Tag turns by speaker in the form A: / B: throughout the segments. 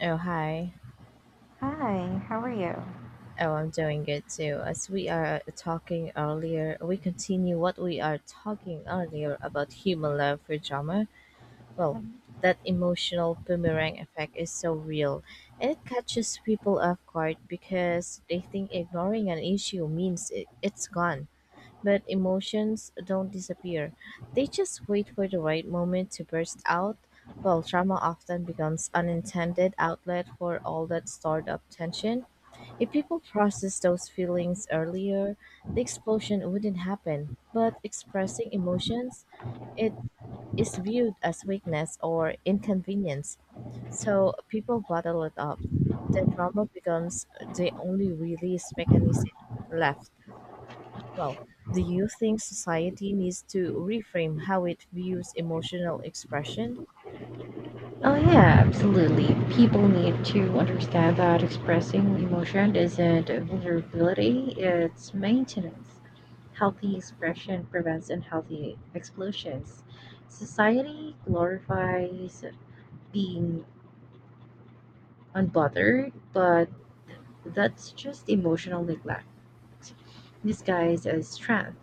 A: Oh, hi.
B: Hi, how are you?
A: Oh, I'm doing good too. As we are talking earlier, we continue what we are talking earlier about human love for drama. Well,
B: Um,
A: that emotional boomerang effect is so real and it catches people off guard because they think ignoring an issue means it's gone. But emotions don't disappear, they just wait for the right moment to burst out. Well, drama often becomes unintended outlet for all that stored up tension. If people processed those feelings earlier, the explosion wouldn't happen. But expressing emotions, it is viewed as weakness or inconvenience. So people bottle it up. The drama becomes the only release mechanism left. Well, do you think society needs to reframe how it views emotional expression?
B: Oh, yeah, absolutely. People need to understand that expressing emotion isn't a vulnerability, it's maintenance. Healthy expression prevents unhealthy explosions. Society glorifies being unbothered, but that's just emotional neglect disguised as strength.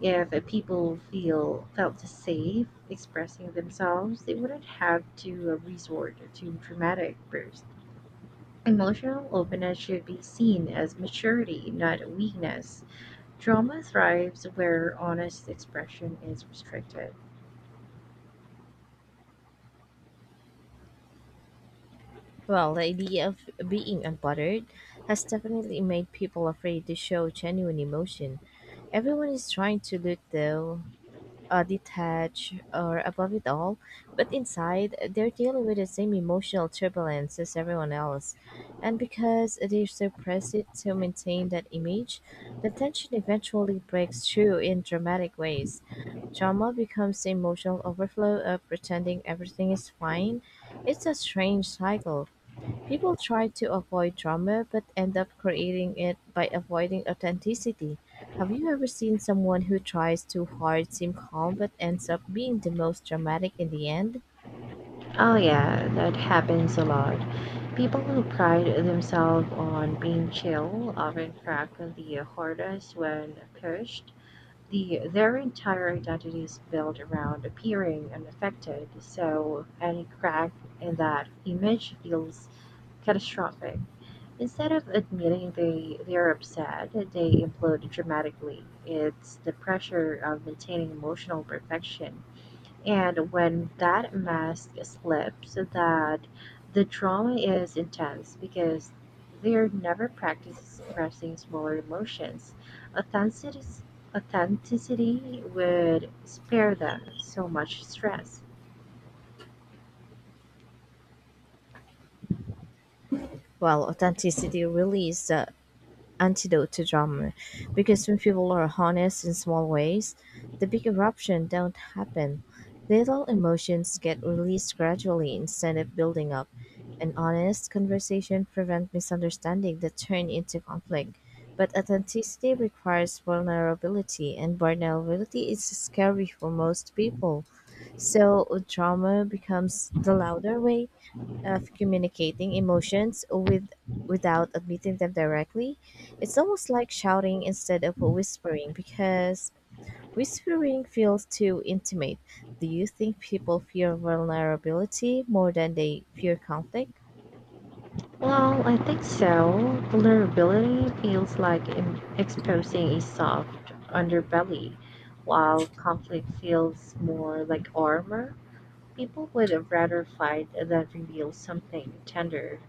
B: If people feel felt safe expressing themselves, they wouldn't have to resort to dramatic bursts. Emotional openness should be seen as maturity, not weakness. Drama thrives where honest expression is restricted.
A: Well, the idea of being unbothered has definitely made people afraid to show genuine emotion. Everyone is trying to look though, detached or above it all, but inside they're dealing with the same emotional turbulence as everyone else. And because they suppress it to maintain that image, the tension eventually breaks through in dramatic ways. Drama becomes the emotional overflow of pretending everything is fine. It's a strange cycle. People try to avoid drama but end up creating it by avoiding authenticity. Have you ever seen someone who tries too hard, seem calm, but ends up being the most dramatic in the end?
B: Oh, yeah, that happens a lot. People who pride themselves on being chill often crack the hardest when pushed. Their entire identity is built around appearing unaffected. So any crack in that image feels catastrophic. Instead of admitting they're upset, they implode dramatically. It's the pressure of maintaining emotional perfection, and when that mask slips, that the trauma is intense because they're never practiced expressing smaller emotions. Authenticity, authenticity would spare them so much stress.
A: Well, authenticity really is the antidote to drama because when people are honest in small ways, the big eruption don't happen. Little emotions get released gradually instead of building up. An honest conversation prevents misunderstanding that turn into conflict. But authenticity requires vulnerability, and vulnerability is scary for most people. So drama becomes the louder way of communicating emotions without admitting them directly. It's almost like shouting instead of whispering because whispering feels too intimate. Do you think people fear vulnerability more than they fear conflict?
B: Well, I think so. Vulnerability feels like exposing a soft underbelly, while conflict feels more like armor. People would have rather fight that reveals something tender.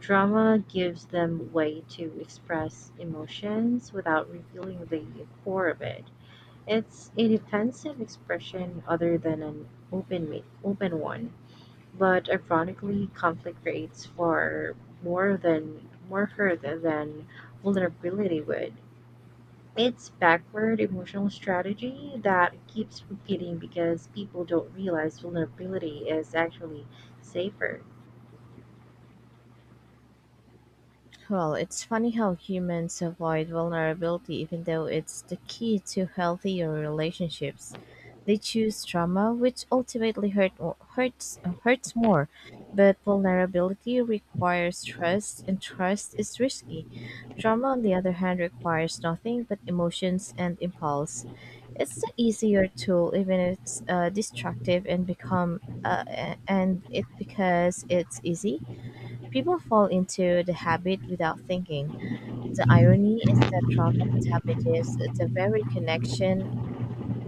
B: Drama gives them way to express emotions without revealing the core of it. It's a defensive expression other than an open one. But ironically, conflict creates far more than more hurt than vulnerability would. It's backward emotional strategy that keeps repeating because people don't realize vulnerability is actually safer.
A: Well, it's funny how humans avoid vulnerability even though it's the key to healthier relationships. They choose trauma, which ultimately hurts more. But vulnerability requires trust, and trust is risky. Trauma, on the other hand, requires nothing but emotions and impulse. It's the easier tool, even if it's destructive and become a- and it because it's easy. People fall into the habit without thinking. The irony is that trauma damages the very connection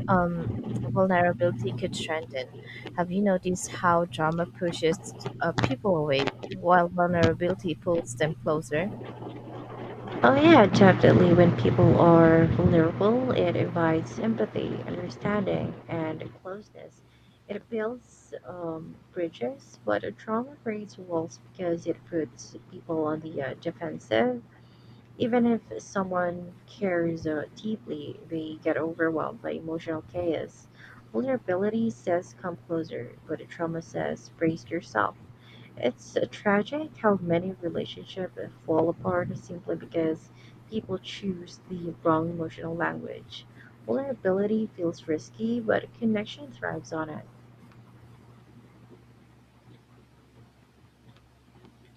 A: um, vulnerability could strengthen. Have you noticed how drama pushes people away while vulnerability pulls them closer?
B: Oh yeah, definitely. When people are vulnerable, it invites empathy, understanding, and closeness. It builds bridges, but a trauma creates walls because it puts people on the defensive. Even if someone cares deeply, they get overwhelmed by emotional chaos. Vulnerability says come closer, but trauma says brace yourself. It's tragic how many relationships fall apart simply because people choose the wrong emotional language. Vulnerability feels risky, but connection thrives on it.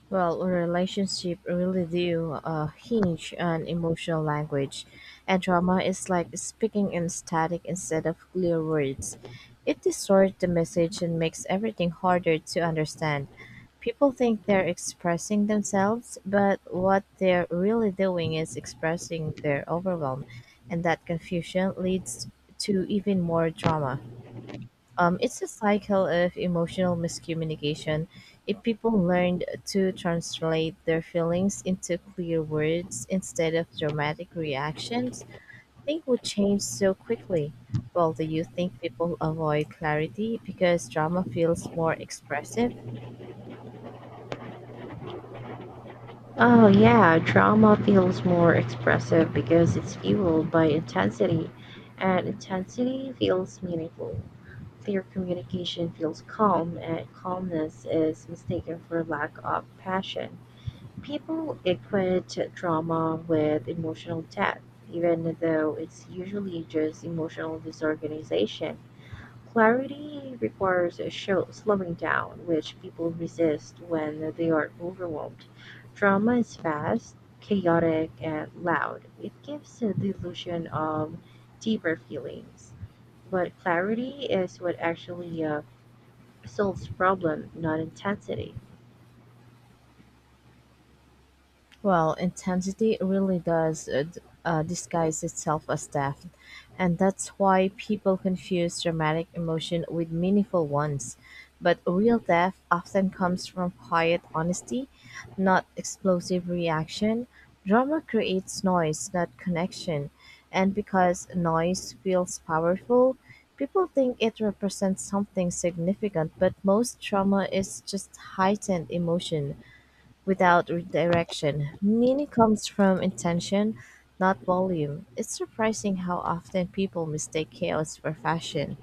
A: Well, a relationship really do hinge on emotional language, and trauma is like speaking in static instead of clear words. It distorts the message and makes everything harder to understand. People think they're expressing themselves, but what they're really doing is expressing their overwhelm, and that confusion leads to even more drama. It's a cycle of emotional miscommunication. If people learned to translate their feelings into clear words instead of dramatic reactions, things would change so quickly. Well, do you think people avoid clarity because drama feels more expressive?
B: Oh, yeah, drama feels more expressive because it's fueled by intensity, and intensity feels meaningful. Clear communication feels calm, and calmness is mistaken for lack of passion. People equate drama with emotional debt, even though it's usually just emotional disorganization. Clarity requires a show slowing down, which people resist when they are overwhelmed. Drama is fast, chaotic, and loud. It gives the illusion of deeper feelings. But clarity is what actually solves problem, not intensity.
A: Well, intensity really does disguise itself as depth, and that's why people confuse dramatic emotion with meaningful ones. But real depth often comes from quiet honesty, not explosive reaction. Drama creates noise, not connection, and because noise feels powerful, people think it represents something significant, but most trauma is just heightened emotion without redirection. Meaning comes from intention, not volume. It's surprising how often people mistake chaos for fashion.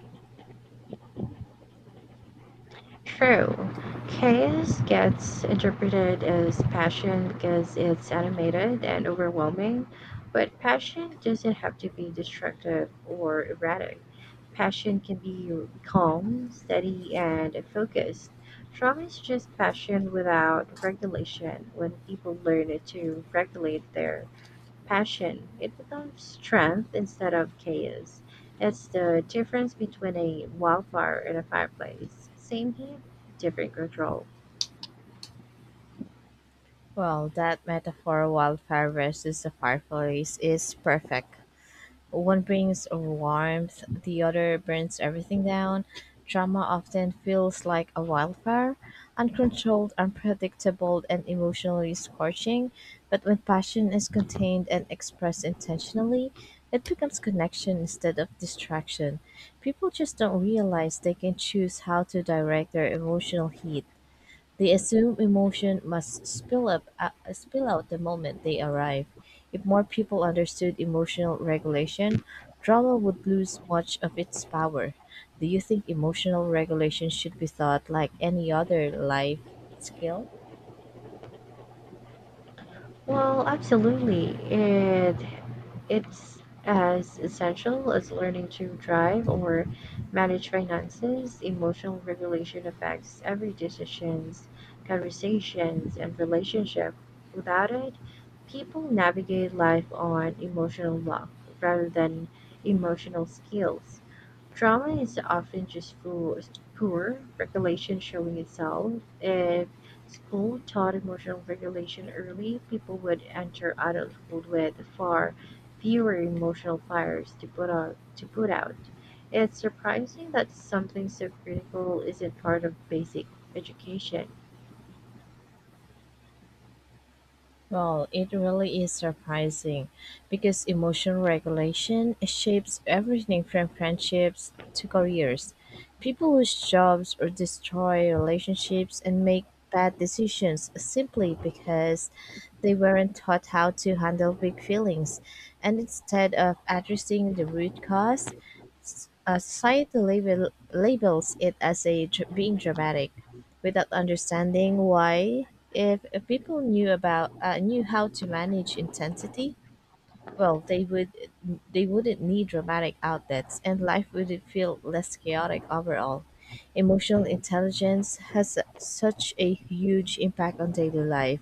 B: True. Chaos gets interpreted as passion because it's animated and overwhelming, but passion doesn't have to be destructive or erratic. Passion can be calm, steady, and focused. Trauma is just passion without regulation. When people learn to regulate their passion, it becomes strength instead of chaos. It's the difference between a wildfire and a fireplace. Same here, different control.
A: Well, that metaphor wildfire versus the fireplace is perfect. One brings warmth, the other burns everything down. Drama often feels like a wildfire, uncontrolled, unpredictable, and emotionally scorching. But when passion is contained and expressed intentionally, it becomes connection instead of distraction. People just don't realize they can choose how to direct their emotional heat. They assume emotion must spill out the moment they arrive. If more people understood emotional regulation, drama would lose much of its power. Do you think emotional regulation should be thought like any other life skill?
B: Well, absolutely. It's as essential as learning to drive or manage finances. Emotional regulation affects every decisions, conversations, and relationship. Without it, people navigate life on emotional luck rather than emotional skills. Trauma is often just poor regulation showing itself. If school taught emotional regulation early, people would enter adulthood with far fewer emotional fires to put out. It's surprising that something so critical isn't part of basic education.
A: Well, it really is surprising because emotion regulation shapes everything from friendships to careers. People lose jobs or destroy relationships and make bad decisions simply because they weren't taught how to handle big feelings. And instead of addressing the root cause, society labels it as being dramatic without understanding why. If people knew how to manage intensity, well, they wouldn't need dramatic outlets, and life would feel less chaotic overall. Emotional intelligence has such a huge impact on daily life,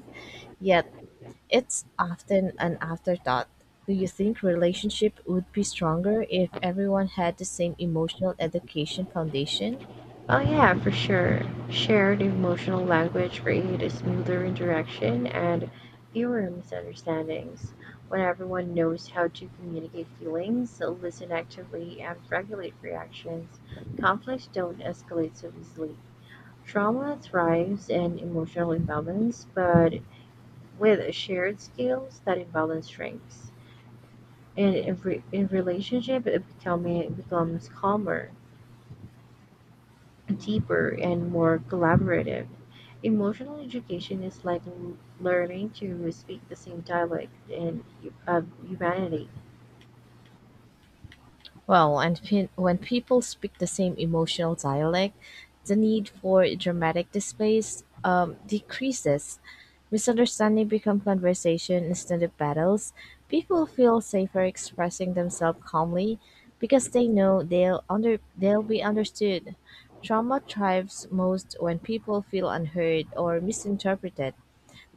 A: yet it's often an afterthought. Do you think relationship would be stronger if everyone had the same emotional education foundation?
B: Oh yeah, for sure. Shared emotional language creates smoother interaction and fewer misunderstandings. When everyone knows how to communicate feelings, listen actively, and regulate reactions, conflicts don't escalate so easily. Trauma thrives in emotional imbalance, but with shared skills, that imbalance shrinks. And in relationship, it becomes calmer, deeper, and more collaborative. Emotional education is like learning to speak the same dialect of humanity.
A: Well, when people speak the same emotional dialect, the need for dramatic displays decreases. Misunderstanding become conversation instead of battles. People feel safer expressing themselves calmly because they know they'll be understood. Trauma thrives most when people feel unheard or misinterpreted.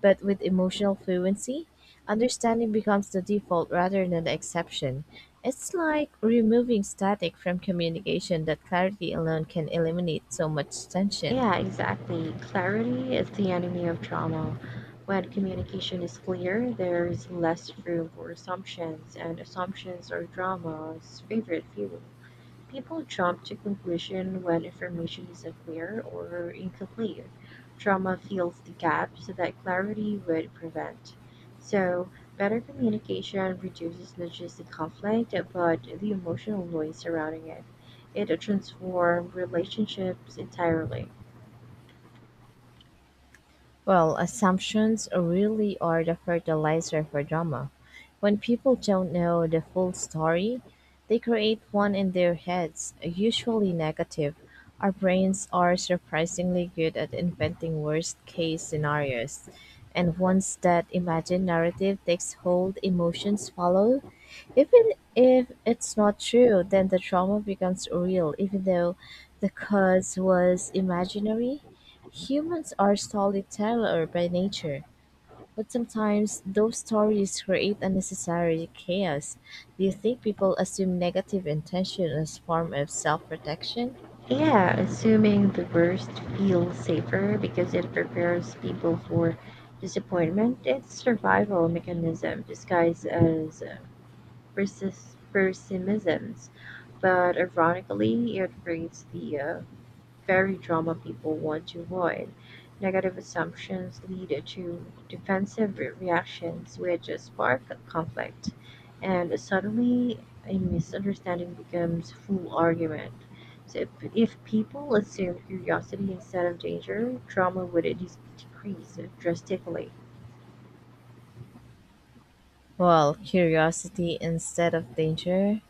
A: But with emotional fluency, understanding becomes the default rather than the exception. It's like removing static from communication that clarity alone can eliminate so much tension.
B: Yeah, exactly. Clarity is the enemy of trauma. When communication is clear, there is less room for assumptions, and assumptions are drama's favorite fuel. People jump to conclusion when information isn't clear or incomplete. Trauma fills the gaps that clarity would prevent. So, better communication reduces not just the conflict but the emotional noise surrounding it. It transforms relationships entirely.
A: Well, assumptions really are the fertilizer for drama. When people don't know the full story, they create one in their heads, usually negative. Our brains are surprisingly good at inventing worst case scenarios. And once that imagined narrative takes hold, emotions follow. Even if it's not true, then the trauma becomes real, even though the cause was imaginary. Humans are storyteller by nature, but sometimes those stories create unnecessary chaos. Do you think people assume negative intention as form of self-protection?
B: Yeah, assuming the worst feels safer because it prepares people for disappointment. It's survival mechanism disguised as pessimisms, but ironically, it brings the very drama people want to avoid. Negative assumptions lead to defensive reactions, which spark conflict, and suddenly a misunderstanding becomes full argument. So, if people assume curiosity instead of danger, drama would decrease drastically.
A: Well, curiosity instead of danger?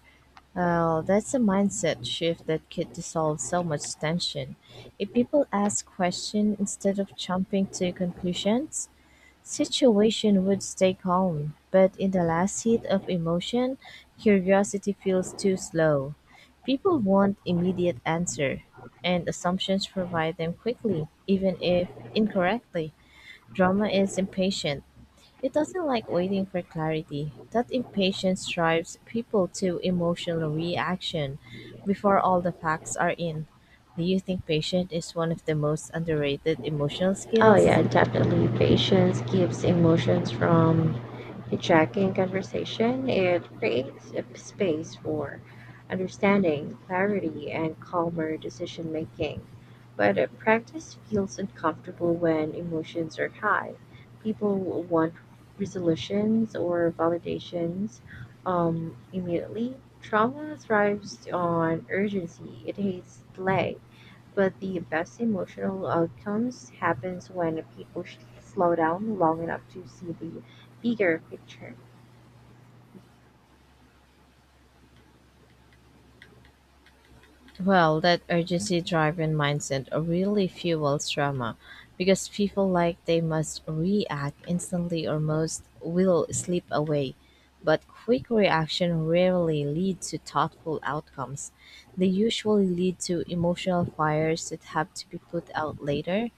A: Well, that's a mindset shift that could dissolve so much tension. If people ask questions instead of jumping to conclusions, situation would stay calm, but in the last heat of emotion, curiosity feels too slow. People want immediate answer, and assumptions provide them quickly, even if incorrectly. Drama is impatient. It doesn't like waiting for clarity. That impatience drives people to emotional reaction before all the facts are in. Do you think patience is one of the most underrated emotional
B: Oh
A: skills?
B: yeah, definitely. Patience keeps emotions from hijacking conversation. It creates a space for understanding, clarity, and calmer decision making. But practice feels uncomfortable when emotions are high. People will want resolutions or validations immediately. Trauma thrives on urgency. It hates delay, but the best emotional outcomes happens when people slow down long enough to see the bigger picture.
A: Well, that urgency driven mindset really fuels drama because people like they must react instantly or most will slip away. But quick reaction rarely lead to thoughtful outcomes. They usually lead to emotional fires that have to be put out later.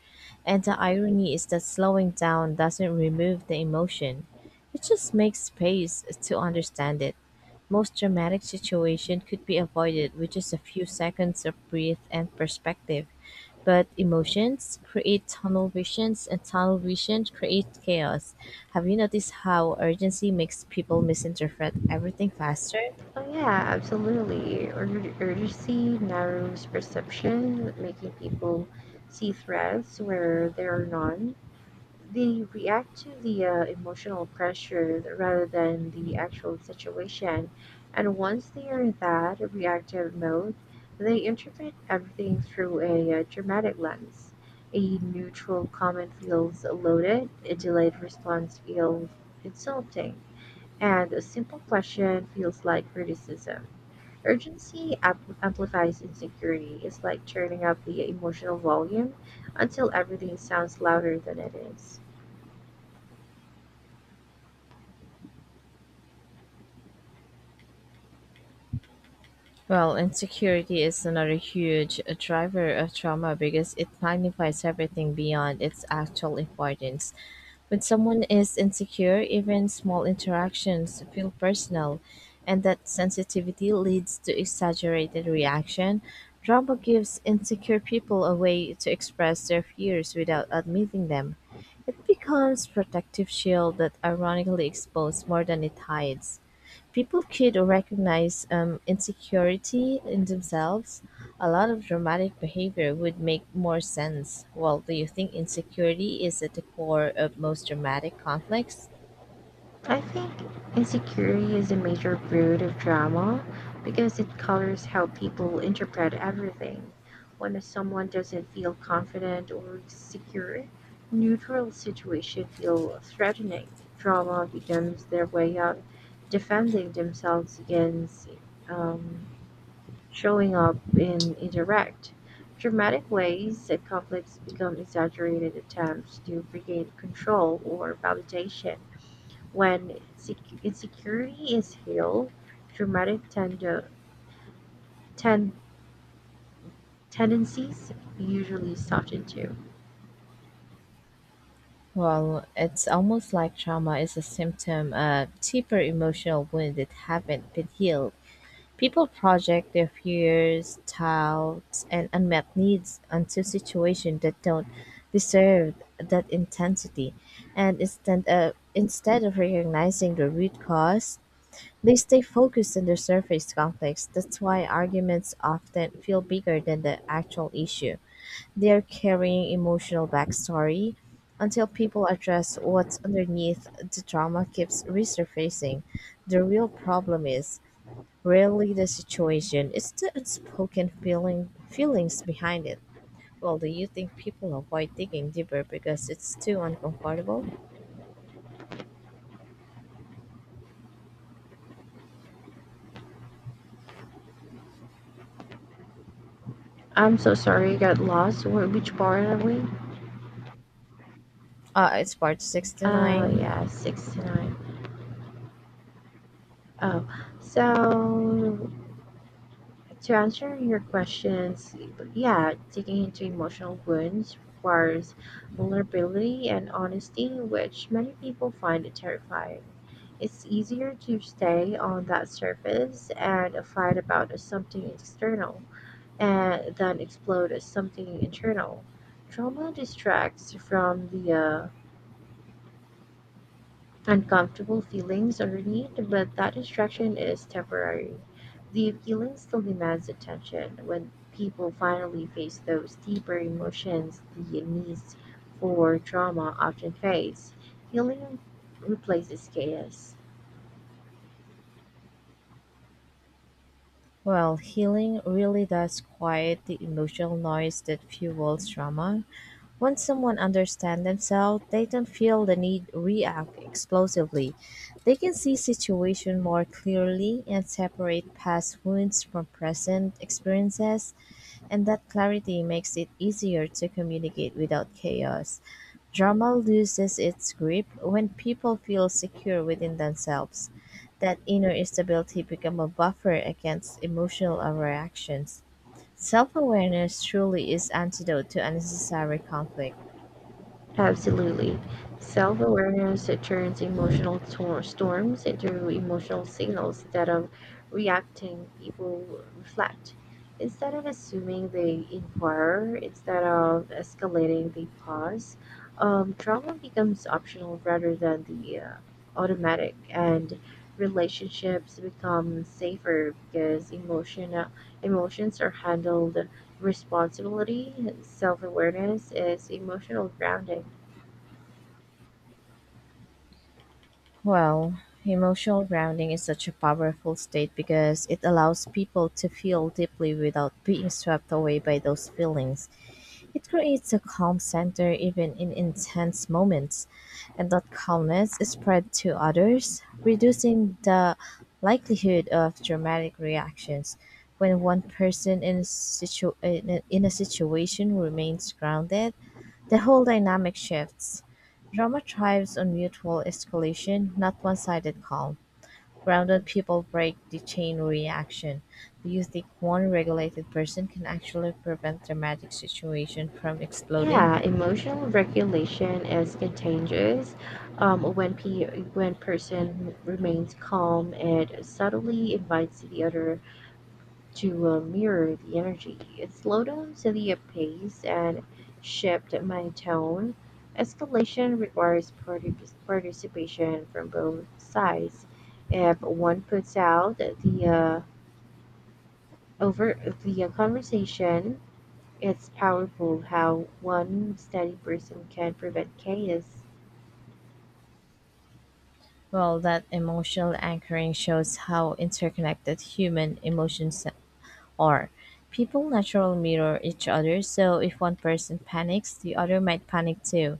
A: And the irony is that slowing down doesn't remove the emotion. It just makes space to understand it. Most dramatic situation could be avoided with just a few seconds of breath and perspective. But emotions create tunnel visions and tunnel vision creates chaos. Have you noticed how urgency makes people misinterpret everything faster?
B: Oh yeah, absolutely. Urgency narrows perception, making people see threats where there are none. They react to the emotional pressure rather than the actual situation. And once they are in that reactive mode, they interpret everything through a dramatic lens. A neutral comment feels loaded, a delayed response feels insulting, and a simple question feels like criticism. Urgency amplifies insecurity. It's like turning up the emotional volume until everything sounds louder than it is.
A: Well, insecurity is another huge driver of trauma because it magnifies everything beyond its actual importance. When someone is insecure, even small interactions feel personal, and that sensitivity leads to exaggerated reaction. Trauma gives insecure people a way to express their fears without admitting them. It becomes protective shield that ironically exposes more than it hides. People could recognize insecurity in themselves, a lot of dramatic behavior would make more sense. Well, do you think insecurity is at the core of most dramatic conflicts?
B: I think insecurity is a major root of drama because it colors how people interpret everything. When someone doesn't feel confident or secure, neutral situation feel threatening. Drama becomes their way of defending themselves against um, showing up in indirect, dramatic ways. That Conflicts become exaggerated attempts to regain control or validation. When insecurity is healed, traumatic ten- tendencies usually soften too.
A: Well, it's almost like trauma is a symptom of deeper emotional wounds that haven't been healed. People project their fears, doubts, and unmet needs onto situations that don't deserve that intensity. And instead of recognizing the root cause, they stay focused on their surface conflicts. That's why arguments often feel bigger than the actual issue. They're carrying emotional backstory. Until people address what's underneath, the drama keeps resurfacing. The real problem is rarely the situation, it's the unspoken feelings behind it. Well, do you think people avoid digging deeper because it's too uncomfortable?
B: I'm so sorry, I got lost. Which part are we?
A: It's part
B: Oh
A: 69.
B: yeah, six to nine. Oh, so, to answer your questions, yeah, digging into emotional wounds requires vulnerability and honesty, which many people find terrifying. It's easier to stay on that surface and fight about something external and then explode as something internal. Trauma distracts from the uncomfortable feelings underneath, but that distraction is temporary. The feeling still demands attention. When people finally face those deeper emotions, the need for drama often fades. Healing replaces chaos.
A: Well, healing really does quiet the emotional noise that fuels trauma. Once someone understands themselves, they don't feel the need react explosively. They can see situation more clearly and separate past wounds from present experiences. And that clarity makes it easier to communicate without chaos. Drama loses its grip when people feel secure within themselves. That inner stability becomes a buffer against emotional overreactions. Self-awareness truly is antidote to unnecessary conflict.
B: Absolutely. Self awareness turns emotional storms into emotional signals. That of reacting, people reflect. Instead of assuming, they inquire. Instead of escalating, they pause. Trauma becomes optional rather than the automatic, and relationships become safer because emotions are handled responsibility. Self awareness is emotional grounding.
A: Well, emotional grounding is such a powerful state because it allows people to feel deeply without being swept away by those feelings. It creates a calm center even in intense moments, and that calmness is spread to others, reducing the likelihood of dramatic reactions. When one person in a situation remains grounded, the whole dynamic shifts. Drama thrives on mutual escalation, not one sided calm. Grounded people break the chain reaction. Do you think one regulated person can actually prevent dramatic situation from exploding?
B: Yeah, emotional regulation is contagious. Um, when pe when person remains calm, it subtly invites the other to mirror the energy. It slow down the pace and shift my tone. Escalation requires participation from both sides. If one puts out the over the conversation, it's powerful how one steady person can prevent chaos.
A: Well, that emotional anchoring shows how interconnected human emotions are. People naturally mirror each other, so if one person panics, the other might panic too.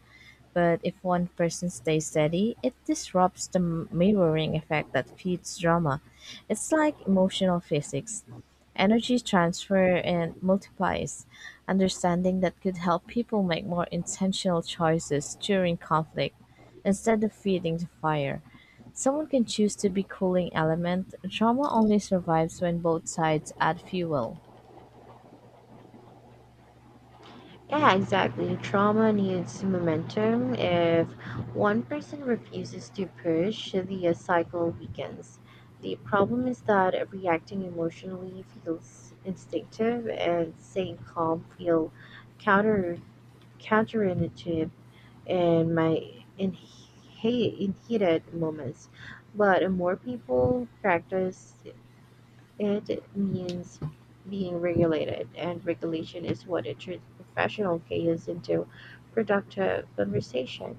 A: But if one person stays steady, it disrupts the mirroring effect that feeds drama. It's like emotional physics. Energy transfer and multiplies. Understanding that could help people make more intentional choices during conflict instead of feeding the fire. Someone can choose to be cooling element; drama only survives when both sides add fuel.
B: Yeah, exactly. Trauma needs momentum. If one person refuses to push, the cycle weakens. The problem is that reacting emotionally feels instinctive and staying calm feel counter counterintuitive in my in, he- in heated moments. But more people practice. It means being regulated, and regulation is what turns professional chaos into productive conversation.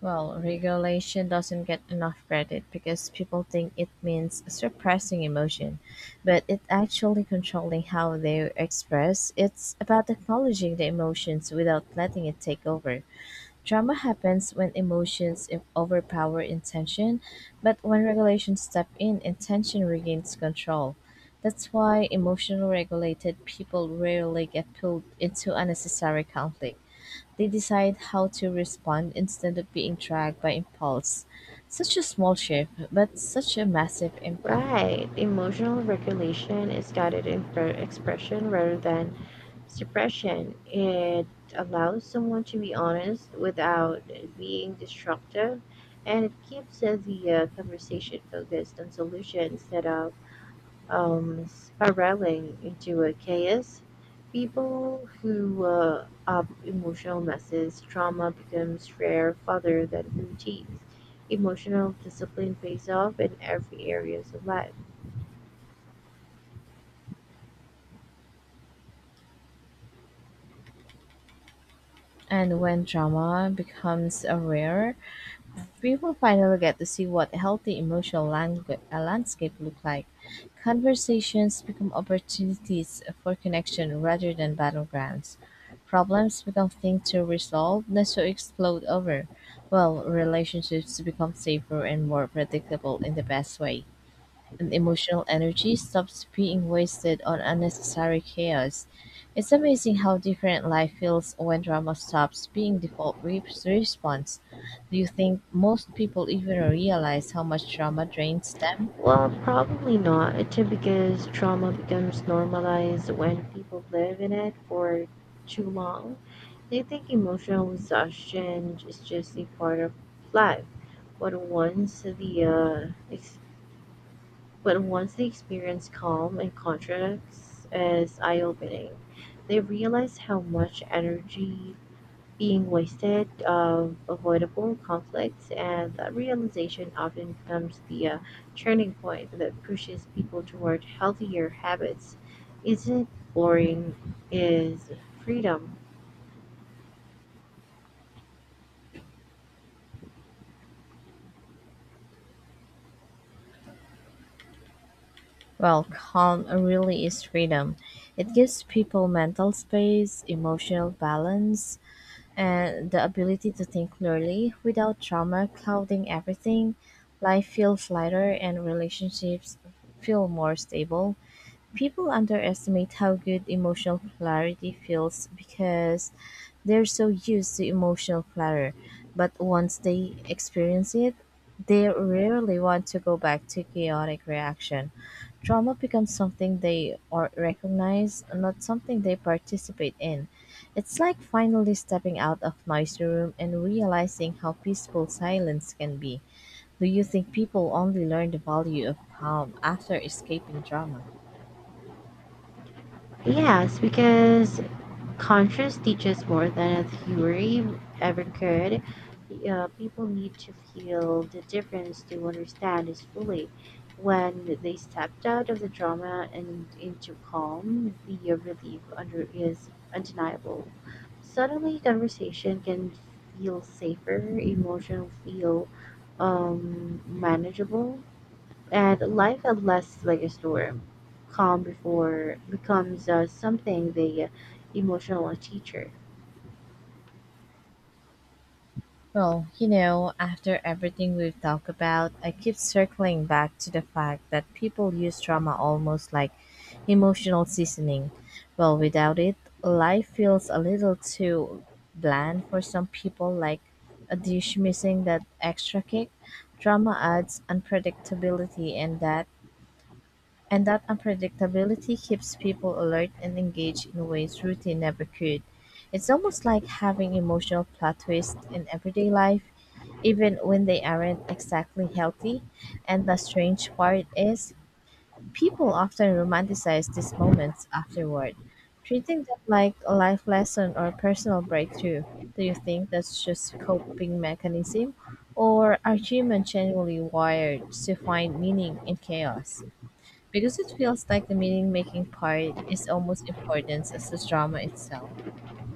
A: Well, regulation doesn't get enough credit because people think it means suppressing emotion, but it actually controlling how they express. It's about acknowledging the emotions without letting it take over. Drama happens when emotions overpower intention, but when regulations step in, intention regains control. That's why emotional regulated people rarely get pulled into unnecessary conflict. They decide how to respond instead of being dragged by impulse. Such a small shift, but such a massive impact.
B: Right. Emotional regulation is guided in expression rather than suppression. It allows someone to be honest without being destructive, and it keeps the conversation focused on solutions instead of spiraling into a chaos. People who up emotional messes, trauma becomes rare rather than routines. Emotional discipline pays off in every areas of life.
A: And when drama becomes a rare, people finally get to see what healthy emotional landscape look like. Conversations become opportunities for connection rather than battlegrounds. Problems become things to resolve, not to explode over. Well, relationships become safer and more predictable in the best way. And emotional energy stops being wasted on unnecessary chaos. It's amazing how different life feels when drama stops being default response. Do you think most people even realize how much drama drains them?
B: Well, probably not, because trauma becomes normalized when people live in it for too long. They think emotional exhaustion is just a part of life. But once the uh, ex- But once they experience calm and contracts as eye opening, they realize how much energy being wasted of avoidable conflicts, and that realization often becomes the turning point that pushes people toward healthier habits. Isn't boring is freedom?
A: Well, calm really is freedom. It gives people mental space, emotional balance, and the ability to think clearly without trauma clouding everything. Life feels lighter and relationships feel more stable. People underestimate how good emotional clarity feels because they're so used to emotional clutter. But once they experience it, they rarely want to go back to chaotic reaction. Trauma becomes something they or recognize, not something they participate in. It's like finally stepping out of noisy room and realizing how peaceful silence can be. Do you think people only learn the value of calm after escaping drama?
B: Yes, because conscious teaches more than a theory ever could. People need to feel the difference to understand it fully. When they stepped out of the drama and into calm, the relief under is undeniable. Suddenly, conversation can feel safer, emotion feel manageable, and life at less like a storm. Calm before becomes something the emotional teacher.
A: Well, after everything we've talked about, I keep circling back to the fact that people use trauma almost like emotional seasoning. Well, without it, life feels a little too bland for some people, like a dish missing that extra kick. Trauma adds unpredictability and that unpredictability keeps people alert and engaged in ways routine never could. It's almost like having emotional plot twists in everyday life even when they aren't exactly healthy. And the strange part is, people often romanticize these moments afterward, treating them like a life lesson or personal breakthrough. Do you think that's just coping mechanism, or are humans genuinely wired to find meaning in chaos? Because it feels like the meaning making part is almost important as the drama itself.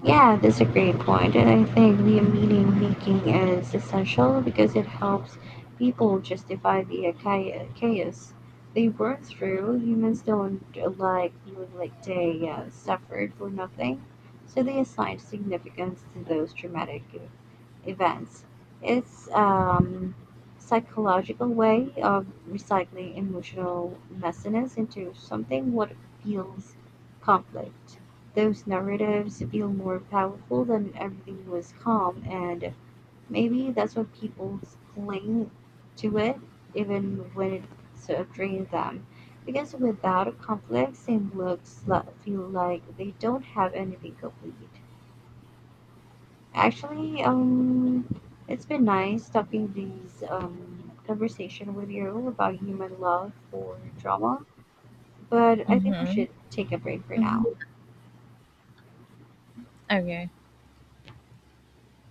B: Yeah, that's a great point, and I think the meaning making is essential because it helps people justify the chaos they went through. Humans don't like feeling like they suffered for nothing, so they assign significance to those traumatic events. It's psychological way of recycling emotional messiness into something what feels conflict. Those narratives feel more powerful than everything was calm, and maybe that's why people cling to it even when it sort of drains them, because without a complex they feel like they don't have anything complete. Actually, it's been nice talking these conversation with you about human love for drama, but I think we
A: Mm-hmm.
B: should take a break for
A: Mm-hmm.
B: now.
A: Okay.